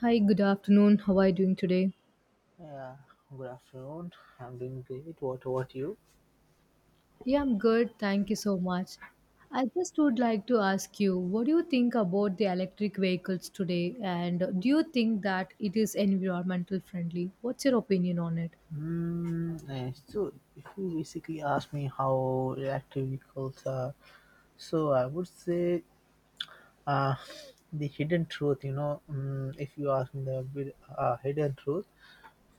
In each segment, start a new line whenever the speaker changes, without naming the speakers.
Hi, good afternoon. How are you doing today?
Yeah, good afternoon. I'm doing great. What about you?
Yeah, I'm good. Thank you so much. I just would like to ask you, what do you think about the electric vehicles today? And do you think that it is environmental friendly? What's your opinion on it?
So, if you basically ask me how electric vehicles are, so I would say, uh, the hidden truth, you know, if you ask me the hidden truth.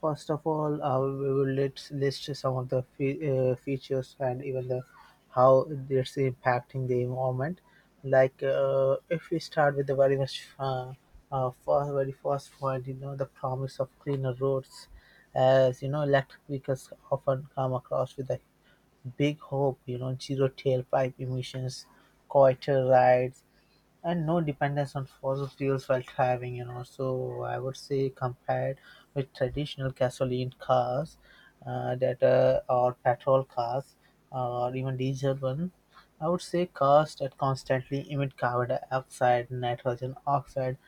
First of all, we will let's list some of the features and even the how it's impacting the environment. Like, if we start with the very much very first point, you know, the promise of cleaner roads. As you know, electric vehicles often come across with a big hope, you know, zero tailpipe emissions, quieter rides, and no dependence on fossil fuels while driving, you know. So I would say, compared with traditional gasoline cars, that or petrol cars, or even diesel one, I would say cars that constantly emit carbon dioxide, nitrogen oxide,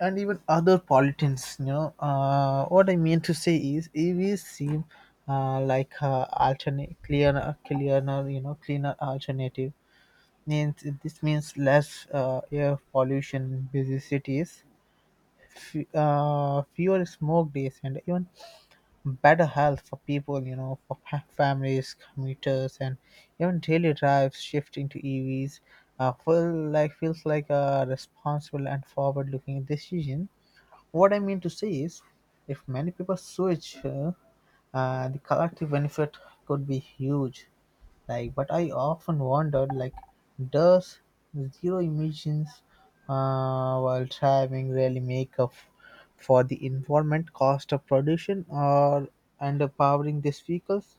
and even other pollutants, you know. What I mean to say is, EVs seem, alternate cleaner cleaner you know cleaner alternative. Means this means less air pollution in busy cities, fewer smoke days, and even better health for people, you know, for families, commuters, and even daily drives. Shifting to EVs feels like a responsible and forward looking decision. What I mean to say is, if many people switch, the collective benefit could be huge. Like, but I often wondered, like, does zero emissions, while driving, really make up for the environment cost of production or underpowering these vehicles?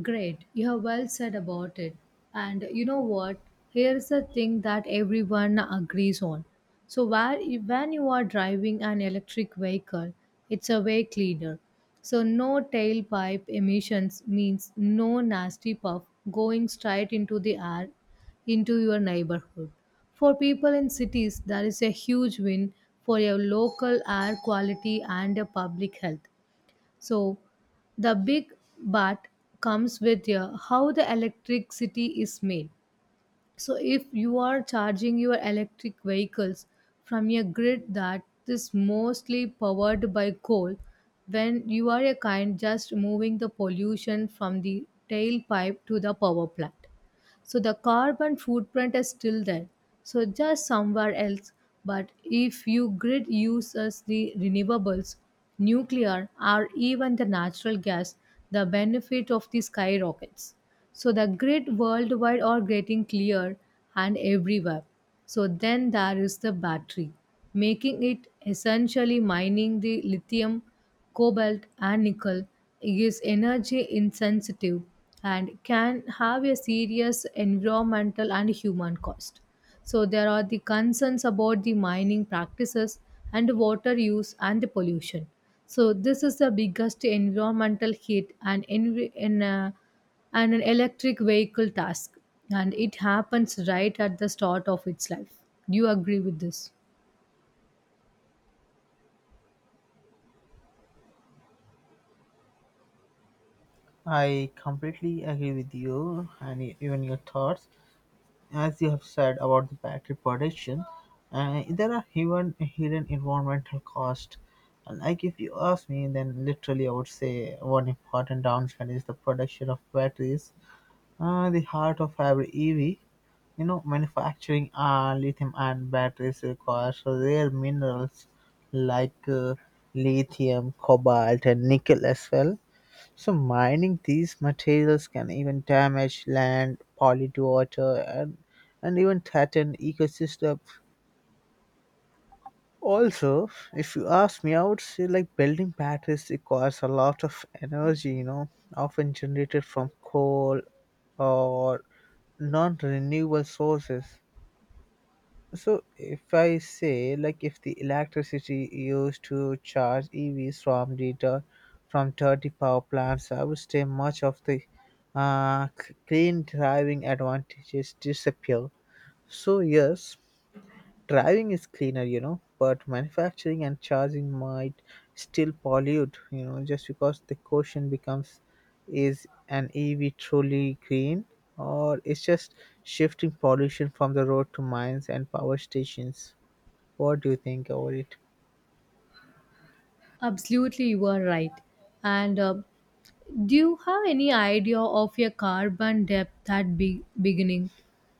Great, you have well said about it. And you know what? Here's the thing that everyone agrees on. So, where, when you are driving an electric vehicle, it's a way cleaner. So, no tailpipe emissions means no nasty puff going straight into the air into your neighborhood. For people in cities, that is a huge win for your local air quality and your public health. So the big but comes with how the electricity is made. So if you are charging your electric vehicles from a grid that is mostly powered by coal, when you are a kind just moving the pollution from the tailpipe to the power plant. So the carbon footprint is still there. So just somewhere else. But if you grid uses the renewables, nuclear, or even the natural gas, the benefit of the skyrockets. So the grid worldwide are getting clear and everywhere. So then there is the battery, making it essentially mining the lithium cobalt, and nickel is energy insensitive and can have a serious environmental and human cost. So there are the concerns about the mining practices and water use and the pollution. So this is the biggest environmental hit and and an electric vehicle task and it happens right at the start of its life. Do you agree with this?
I completely agree with you, and even your thoughts. As you have said about the battery production, there are even hidden environmental costs. And like, if you ask me, then literally I would say one important downside is the production of batteries, the heart of every EV. You know, manufacturing lithium-ion batteries requires rare minerals like, lithium, cobalt, and nickel as well. So mining these materials can even damage land, pollute water, and even threaten ecosystem. Also, if you ask me, I would say like building batteries requires a lot of energy, you know, often generated from coal or non-renewable sources. So if I say, like, if the electricity used to charge EVs from the from dirty power plants, I would say much of the clean driving advantages disappear. So yes, driving is cleaner, you know, but manufacturing and charging might still pollute, you know. Just because the question becomes, is an EV truly green, or it's just shifting pollution from the road to mines and power stations? What do you think about it?
Absolutely, you are right. And do you have any idea of your carbon depth at beginning?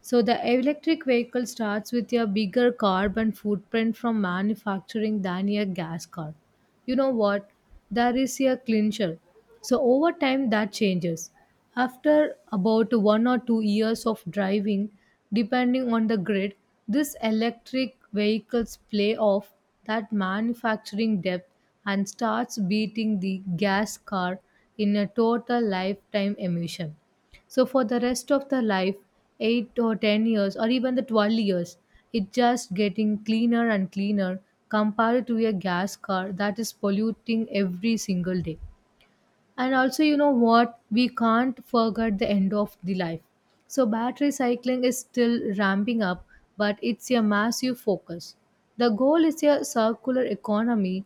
So the electric vehicle starts with a bigger carbon footprint from manufacturing than a gas car. You know what? There is a clincher. So over time that changes. After about 1 or 2 years of driving, depending on the grid, these electric vehicles play off that manufacturing depth and starts beating the gas car in a total lifetime emission. So for the rest of the life, 8 or 10 years or even the 12 years, it's just getting cleaner and cleaner compared to a gas car that is polluting every single day. And also, you know what, we can't forget the end of the life. So battery cycling is still ramping up, but it's a massive focus. The goal is a circular economy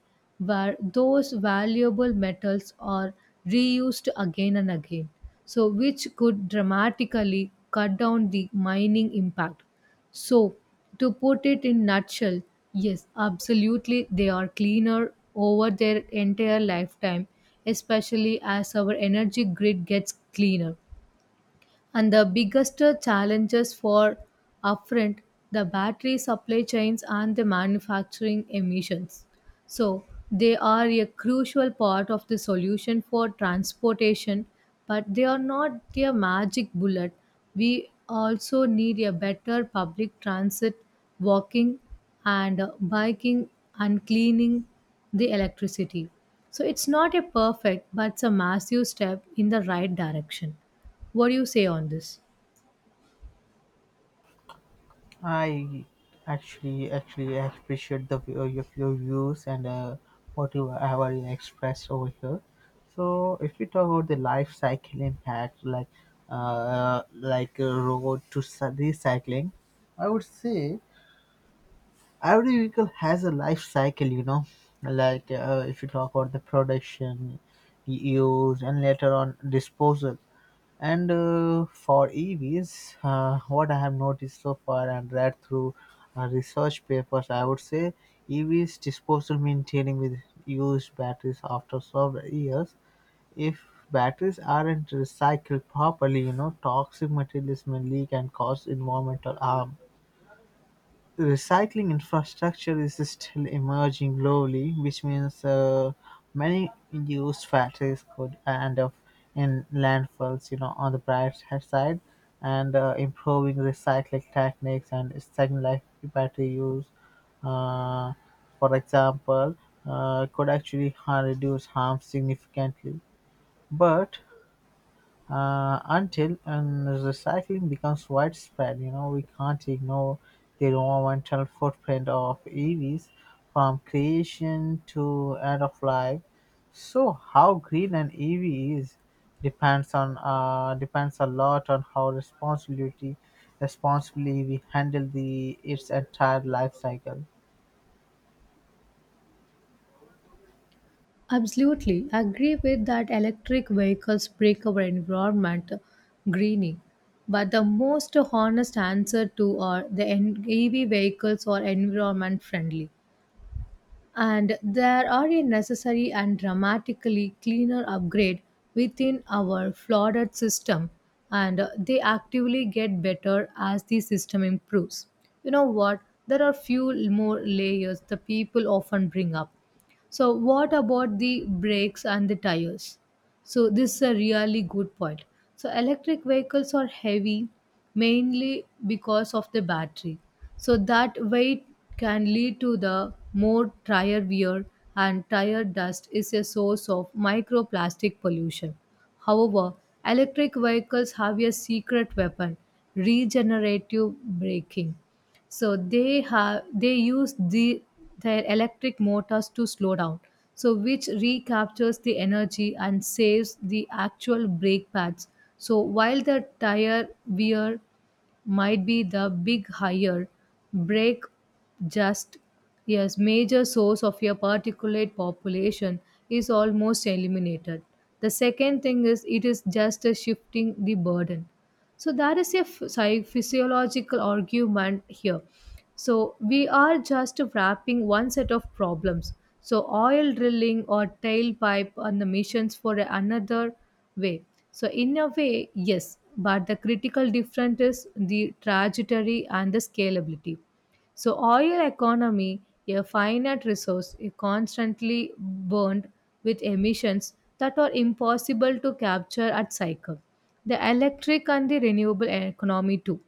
where those valuable metals are reused again and again, so which could dramatically cut down the mining impact. So, to put it in nutshell, yes, absolutely they are cleaner over their entire lifetime, especially as our energy grid gets cleaner. And the biggest challenges for upfront the battery supply chains and the manufacturing emissions. So they are a crucial part of the solution for transportation, but they are not a magic bullet. We also need a better public transit, walking and biking and cleaning the electricity. So it's not a perfect, but it's a massive step in the right direction. What do you say on this?
I actually appreciate the view, your views, and what you have already expressed over here. So if we talk about the life cycle impact, like, a road to recycling, I would say every vehicle has a life cycle. You know, like, if you talk about the production, use, and later on disposal. And for EVs, what I have noticed so far and read through research papers, I would say EVs disposal maintaining with used batteries after several years. If batteries aren't recycled properly, you know, toxic materials may leak and cause environmental harm. Recycling infrastructure is still emerging globally, which means many used factories could end up in landfills. You know, on the bright side, and improving recycling techniques and second life battery use, uh, for example, could actually, reduce harm significantly. But until and recycling becomes widespread, you know, we can't ignore the environmental footprint of EVs from creation to end of life. So, how green an EV is depends on, depends a lot on how responsibility responsibly we handle the its entire life cycle.
Absolutely. I agree with that electric vehicles break our environment greening. But the most honest answer to are the EV vehicles are environment friendly. And there are a necessary and dramatically cleaner upgrade within our flooded system, and they actively get better as the system improves. You know what, there are few more layers the people often bring up. So what about the brakes and the tires? So this is a really good point. So electric vehicles are heavy mainly because of the battery. So that weight can lead to the more tire wear, and tire dust is a source of microplastic pollution. However, electric vehicles have a secret weapon, regenerative braking. So they use their electric motors to slow down, so which recaptures the energy and saves the actual brake pads. So while the tire wear might be the big higher, brake, just, yes, major source of your particulate population is almost eliminated. The second thing is it is just a shifting the burden. So there is a physiological argument here. So we are just wrapping one set of problems. So oil drilling or tailpipe and the missions for another way. So in a way, yes, but the critical difference is the trajectory and the scalability. So oil economy, a finite resource, is constantly burned with emissions that are impossible to capture at cycle. The electric and the renewable economy too.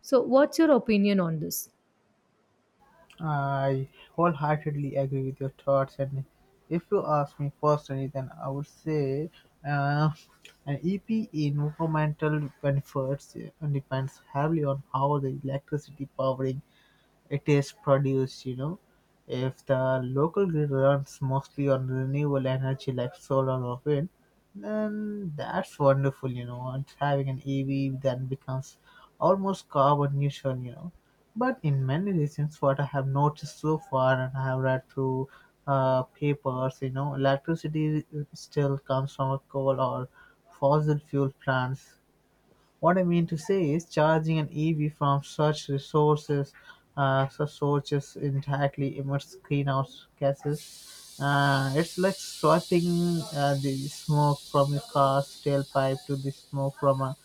So what's your opinion on this?
I wholeheartedly agree with your thoughts, and if you ask me personally, then I would say, uh, an EP environmental benefits, depends heavily on how the electricity powering it is produced, you know. If the local grid runs mostly on renewable energy like solar or wind, then that's wonderful, you know. And having an EV then becomes almost carbon neutral, you know. But in many regions, what I have noticed so far, and I have read through papers, you know, electricity still comes from coal or fossil fuel plants. What I mean to say is, charging an EV from such sources indirectly emits greenhouse gases. It's like swapping, the smoke from your car's tailpipe to the smoke from a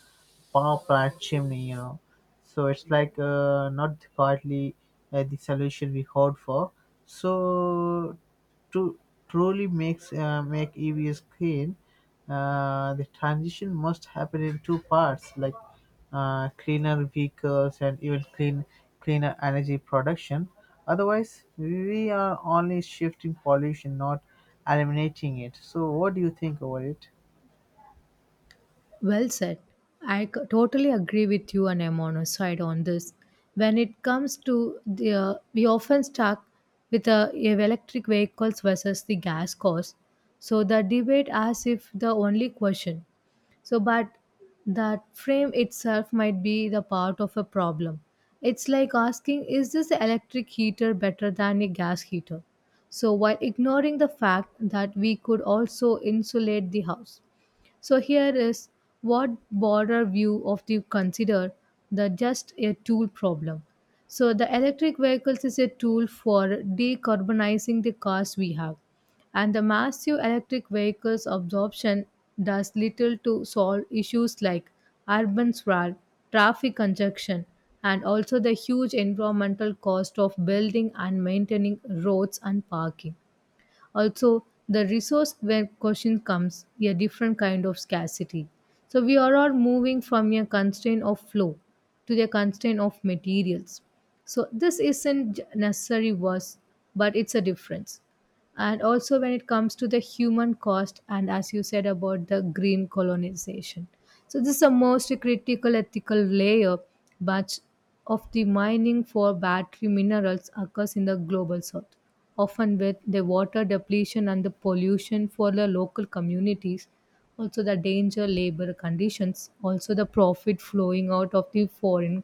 power plant chimney, you know. So it's like, not quietly, the solution we hoped for. So to truly makes make EVs clean, the transition must happen in two parts, like, cleaner vehicles and even cleaner energy production. Otherwise, we are only shifting pollution, not eliminating it. So, what do you think about it?
Well said. Totally agree with you, and I'm on a side on this. When it comes to the, we often stuck with the electric vehicles versus the gas cost. So the debate as if the only question. So, but that frame itself might be the part of a problem. It's like asking, is this electric heater better than a gas heater? So, while ignoring the fact that we could also insulate the house. So here is what broader view of the consider the just a tool problem. So the electric vehicles is a tool for decarbonizing the cars we have, and the massive electric vehicles absorption does little to solve issues like urban sprawl, traffic congestion, and also the huge environmental cost of building and maintaining roads and parking. Also the resource where question comes a different kind of scarcity. So we are all moving from a constraint of flow to the constraint of materials. So this isn't necessary worse, but it's a difference. And also when it comes to the human cost and as you said about the green colonization, so this is the most critical ethical layer. But of the mining for battery minerals occurs in the global south, often with the water depletion and the pollution for the local communities, also the danger labor conditions, also the profit flowing out of the foreign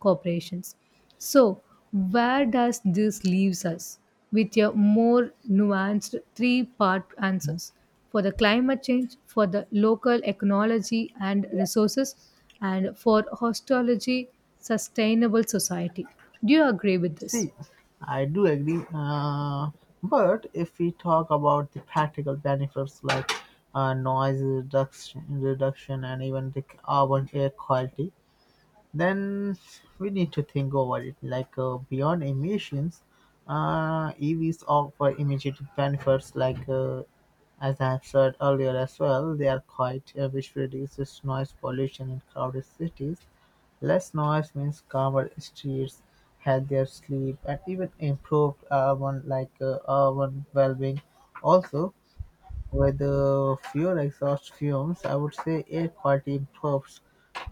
corporations. So, where does this leaves us? With a more nuanced three-part answers for the climate change, for the local ecology and resources, and for hostology, sustainable society. Do you agree with this?
See, I do agree. But if we talk about the practical benefits, like, noise reduction, and even the carbon air quality, then we need to think over it, like, beyond emissions. EVs offer immediate benefits, like, as I have said earlier as well, they are quite, which reduces noise pollution in crowded cities. Less noise means calmer streets, healthier sleep, and even improved urban, like, urban well-being. Also, with fewer exhaust fumes, I would say air quality improves,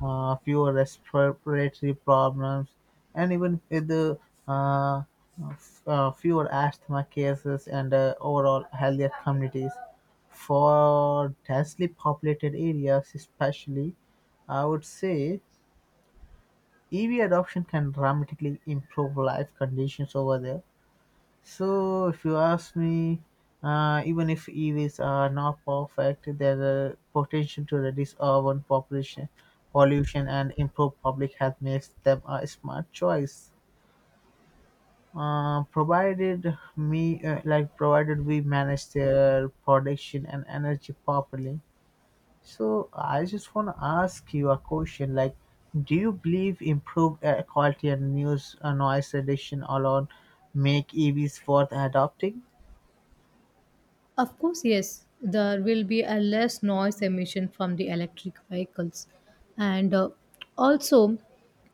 fewer respiratory problems, and even with the uh, fewer asthma cases, and overall healthier communities. For densely populated areas, especially, I would say EV adoption can dramatically improve life conditions over there. So, if you ask me, even if EVs are not perfect, their potential to reduce urban population pollution and improve public health makes them a smart choice. Provided me, like provided we manage their production and energy properly. So, I just want to ask you a question. Like, do you believe improved air quality and news noise reduction alone make EVs worth adopting?
Of course, yes, there will be a less noise emission from the electric vehicles. And also,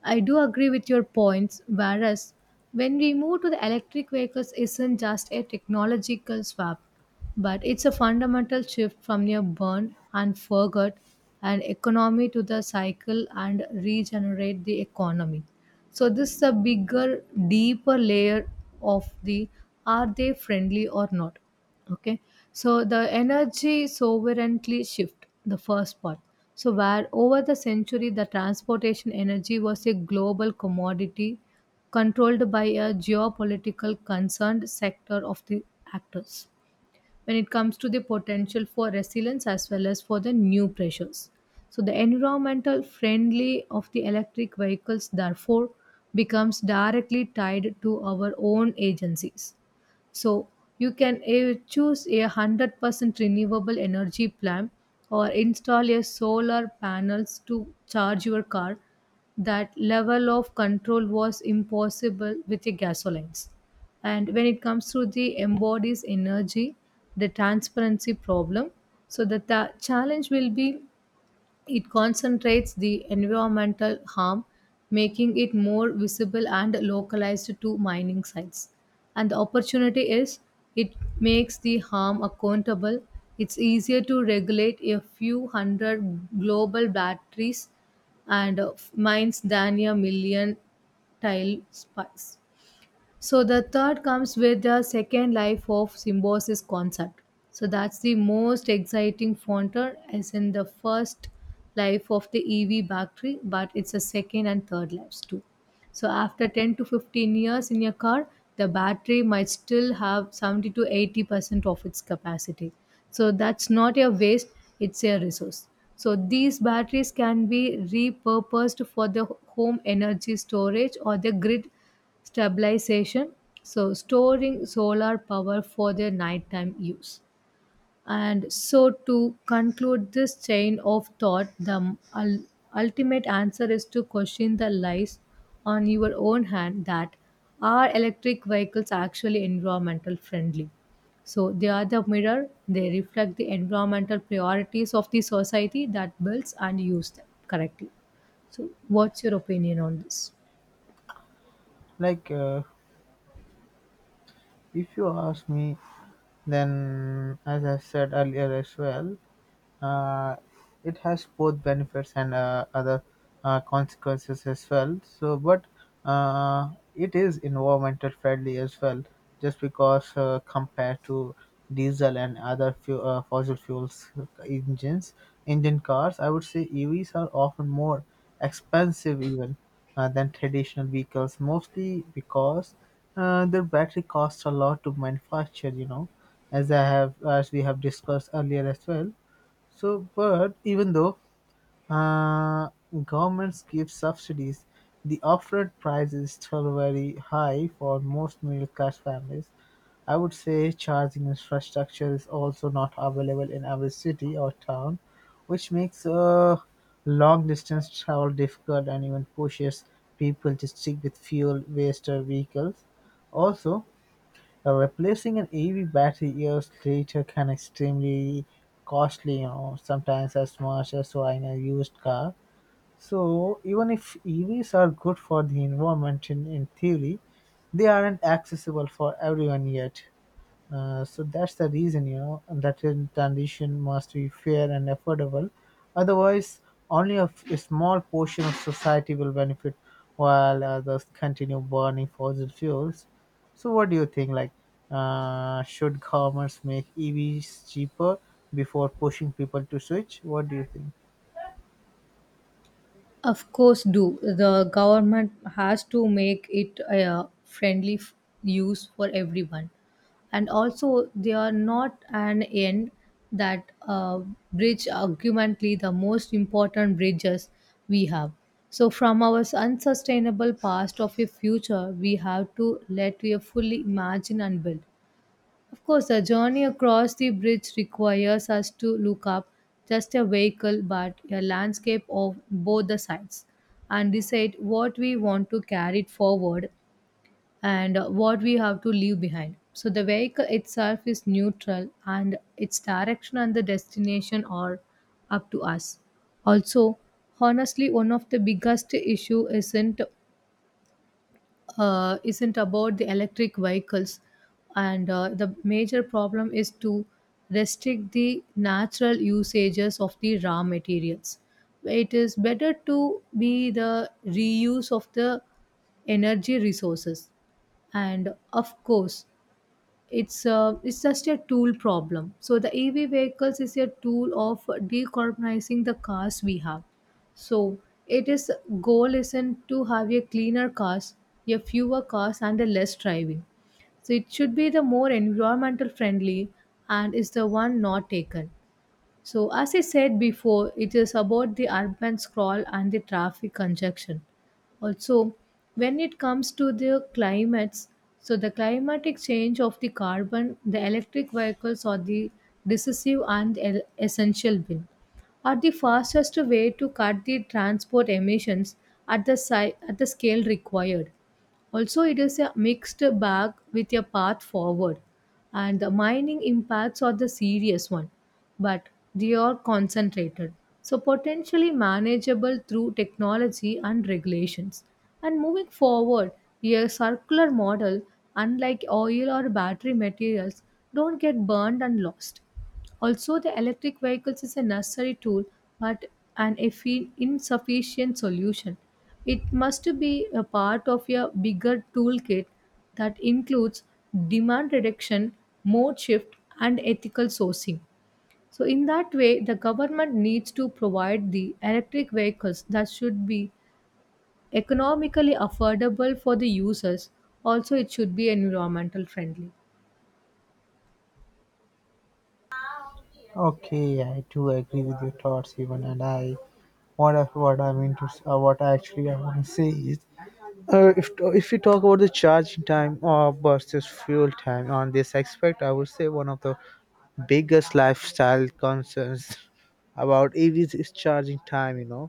I do agree with your points. Whereas, when we move to the electric vehicles, isn't just a technological swap. But it's a fundamental shift from your burn and forget and economy to the cycle and regenerate the economy. So this is a bigger, deeper layer of the are they friendly or not? Okay. So the energy sovereignty shift, the first part. So where over the century the transportation energy was a global commodity controlled by a geopolitical concerned sector of the actors when it comes to the potential for resilience as well as for the new pressures. So the environmental friendly of the electric vehicles therefore becomes directly tied to our own agencies. So you can choose a 100% renewable energy plan or install a solar panels to charge your car. That level of control was impossible with the gasolines. And when it comes to the embodies energy, the transparency problem, so the challenge will be it concentrates the environmental harm, making it more visible and localized to mining sites. And the opportunity is it makes the harm accountable. It's easier to regulate a few hundred global batteries and mines than a million tile spikes. So the third comes with the second life of symbiosis concept. So that's the most exciting frontier as in the first life of the EV battery, but it's a second and third lives too. So after 10 to 15 years in your car, the battery might still have 70 to 80% of its capacity. So that's not a waste, it's a resource. So these batteries can be repurposed for the home energy storage or the grid stabilization. So storing solar power for the nighttime use. And so, to conclude this chain of thought, the ul- ultimate answer is to question the lies on your own hand that are electric vehicles actually environmental friendly? So, they are the mirror, they reflect the environmental priorities of the society that builds and uses them correctly. So, what's your opinion on this?
Like, if you ask me, then as I said earlier as well, uh, it has both benefits and other consequences as well. So, but it is environmental friendly as well, just because, compared to diesel and other fossil fuels, engine cars, I would say EVs are often more expensive even, than traditional vehicles, mostly because their battery costs a lot to manufacture. You know, as we have discussed earlier as well. So, but even though uh, governments give subsidies, the upfront price is still very high for most middle class families. I would say charging infrastructure is also not available in every city or town, which makes long distance travel difficult and even pushes people to stick with fuel waste vehicles. Also, replacing an EV battery years later can extremely costly, you know, sometimes as much as buying a used car. So even if EVs are good for the environment in theory, they aren't accessible for everyone yet. So that's the reason, you know, that in transition must be fair and affordable. Otherwise, only a small portion of society will benefit while others continue burning fossil fuels. So, what do you think? Like, should governments make EVs cheaper before pushing people to switch? What do you think?
Of course, do the government has to make it a friendly use for everyone, and also they are not an end that bridge argumentally the most important bridges we have. So, from our unsustainable past of a future, we have to let we fully imagine and build. Of course, a journey across the bridge requires us to look up just a vehicle but a landscape of both the sides and decide what we want to carry it forward and what we have to leave behind. So, the vehicle itself is neutral and its direction and the destination are up to us. Also, honestly, one of the biggest issue isn't about the electric vehicles and the major problem is to restrict the natural usages of the raw materials. It is better to be the reuse of the energy resources. And of course it's just a tool problem. So the EV vehicles is a tool of decarbonizing the cars we have. So it is goal isn't to have a cleaner cars, a fewer cars, and a less driving. So it should be the more environmental friendly and is the one not taken. So, as I said before, it is about the urban sprawl and the traffic congestion. Also, when it comes to the climates, so the climatic change of the carbon, the electric vehicles are the decisive and essential bill, are the fastest way to cut the transport emissions at the at the scale required. Also, it is a mixed bag with a path forward, and the mining impacts are the serious one, but they are concentrated, so potentially manageable through technology and regulations. And moving forward, a circular model, unlike oil or battery materials, don't get burned and lost. Also, the electric vehicles is a necessary tool but an insufficient solution. It must be a part of a bigger toolkit that includes demand reduction, mode shift, and ethical sourcing. So, in that way, the government needs to provide the electric vehicles that should be economically affordable for the users. Also, it should be environmental friendly.
Okay, I do agree with your thoughts, even, and I what I actually I want to say is, Uh, if if we talk about the charging time or versus fuel time on this aspect, I would say one of the biggest lifestyle concerns about EVs is charging time. You know,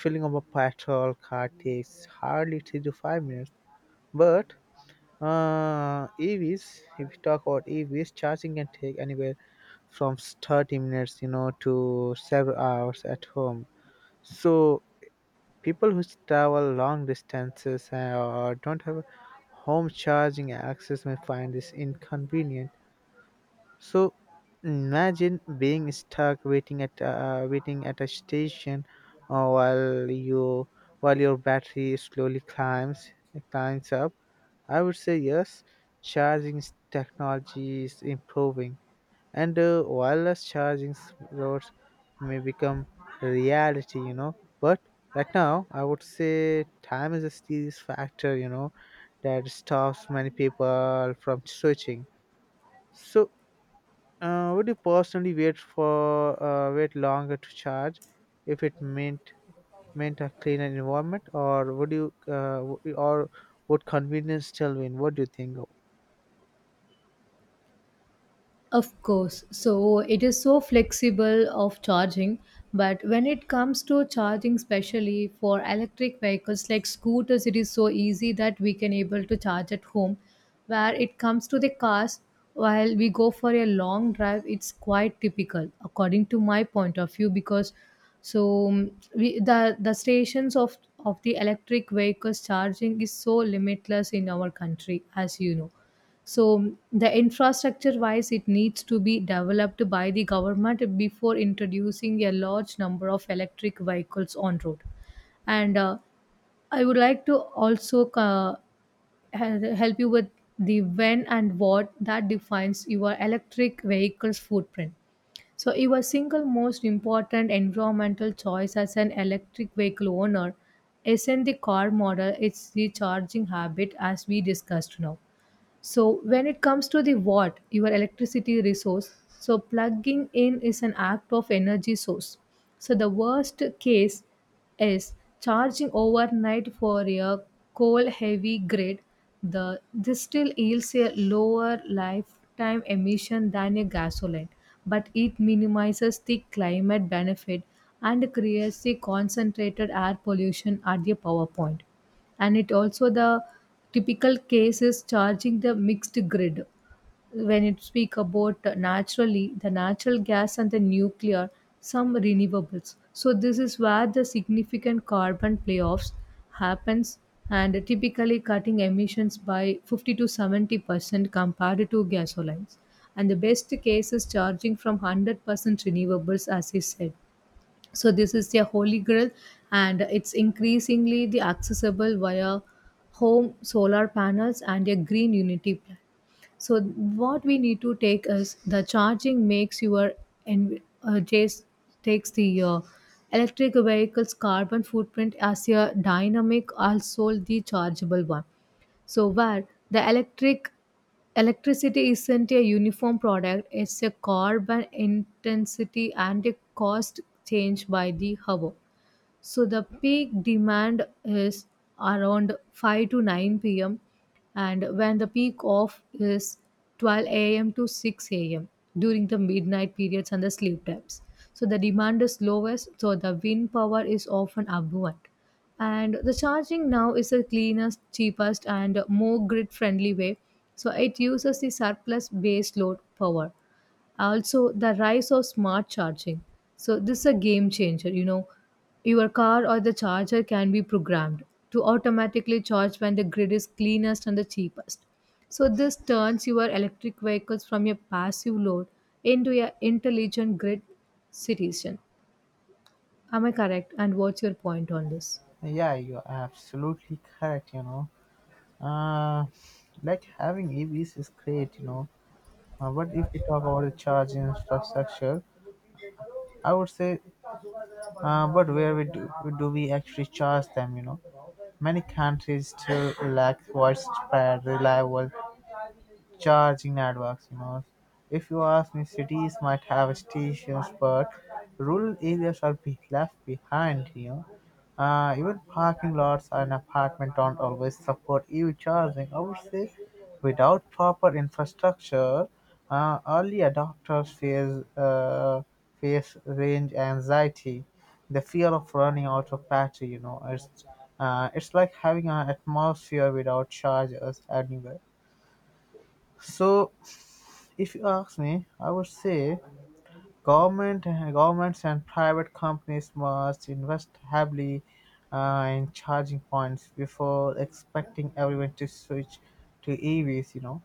filling up a petrol car takes hardly 3 to 5 minutes, but EVs, if we talk about EVs, charging can take anywhere from 30 minutes, you know, to several hours at home. So people who travel long distances, or don't have home charging access may find this inconvenient. So imagine being stuck waiting at a station, while you while your battery slowly climbs up. I would say yes, charging technology is improving, and wireless charging roads may become reality, you know. But right now, I would say time is a serious factor, you know, that stops many people from switching. So, would you personally wait longer to charge if it meant a cleaner environment? Or would convenience still win? What do you think?
Of course. So it is so flexible of charging, but when it comes to charging specially for electric vehicles like scooters, it is so easy that we can able to charge at home. Where it comes to the cars, while we go for a long drive, it's quite typical according to my point of view because so the stations of the electric vehicles charging is so limitless in our country, as you know. So the infrastructure wise, it needs to be developed by the government before introducing a large number of electric vehicles on road. And I would like to also help you with the when and what that defines your electric vehicle's footprint. So your single most important environmental choice as an electric vehicle owner isn't the car model, it's the charging habit as we discussed now. So when it comes to the watt, your electricity resource, so plugging in is an act of energy source. So the worst case is charging overnight for a coal heavy grid. The this still yields a lower lifetime emission than a gasoline, but it minimizes the climate benefit and creates the concentrated air pollution at the power point. And it also the typical case is charging the mixed grid when it speak about naturally the natural gas and the nuclear, some renewables. So this is where the significant carbon playoffs happens, and typically cutting emissions by 50 to 70% compared to gasolines. And the best case is charging from 100% renewables as you said. So this is their holy grail, and it's increasingly the accessible via home solar panels and a green unity plan. So what we need to take is the charging makes your just takes the electric vehicle's carbon footprint as a dynamic, also the chargeable one. So where the electricity isn't a uniform product, it's a carbon intensity and a cost change by the hour. So the peak demand is around 5 to 9 p.m., and when the peak off is 12 a.m. to 6 a.m. during the midnight periods and the sleep times. So the demand is lowest, so the wind power is often abundant. And the charging now is the cleanest, cheapest, and more grid friendly way. So it uses the surplus base load power, also the rise of smart charging. So this is a game changer, you know, your car or the charger can be programmed to automatically charge when the grid is cleanest and the cheapest. So this turns your electric vehicles from your passive load into a intelligent grid citizen. Am I correct, and what's your point on this?
Yeah, you're absolutely correct, you know. uh, like, having EVs is great, you know. But if we talk about the charge infrastructure, I would say, but where we do, do we actually charge them, you know? Many countries still lack widespread, reliable charging networks, you know. If you ask me, cities might have stations, but rural areas are be left behind, you know. Even parking lots and apartments don't always support EV charging. I would say, without proper infrastructure, early adopters face range anxiety, the fear of running out of battery. You know, it's like having an atmosphere without chargers anywhere. So if you ask me, I would say governments and private companies must invest heavily, in charging points before expecting everyone to switch to EVs. You know,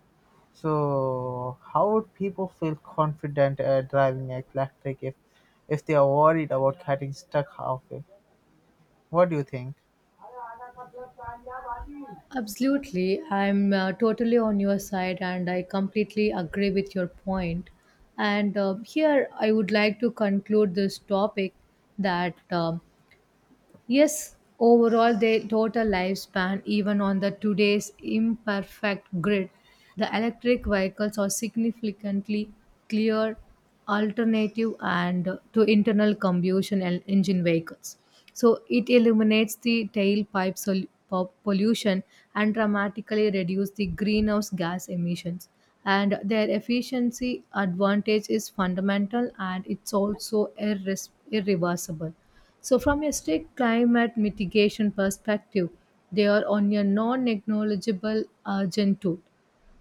so how would people feel confident, driving electric if they are worried about getting stuck halfway? What do you think?
Absolutely. I'm totally on your side and I completely agree with your point. And here I would like to conclude this topic that yes, overall their total lifespan, even on the today's imperfect grid, the electric vehicles are significantly clear alternative and to internal combustion engine vehicles. So it eliminates the pollution and dramatically reduce the greenhouse gas emissions. And their efficiency advantage is fundamental, and it's also irreversible. So, from a strict climate mitigation perspective, they are on a non acknowledgeable urgent tool.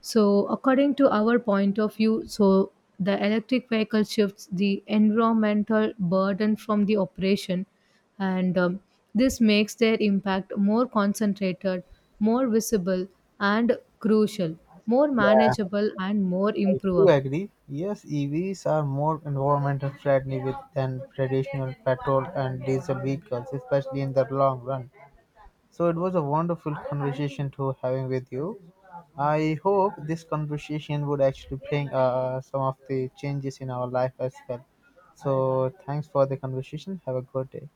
So, according to our point of view, so the electric vehicle shifts the environmental burden from the operation, and this makes their impact more concentrated, more visible, and crucial, more
Yeah.
manageable, and more
I do
improvable.
agree. Yes, EVs are more environmental friendly with than traditional petrol and diesel vehicles, especially in the long run. So it was a wonderful conversation to having with you. I hope this conversation would actually bring some of the changes in our life as well. So thanks for the conversation. Have a good day.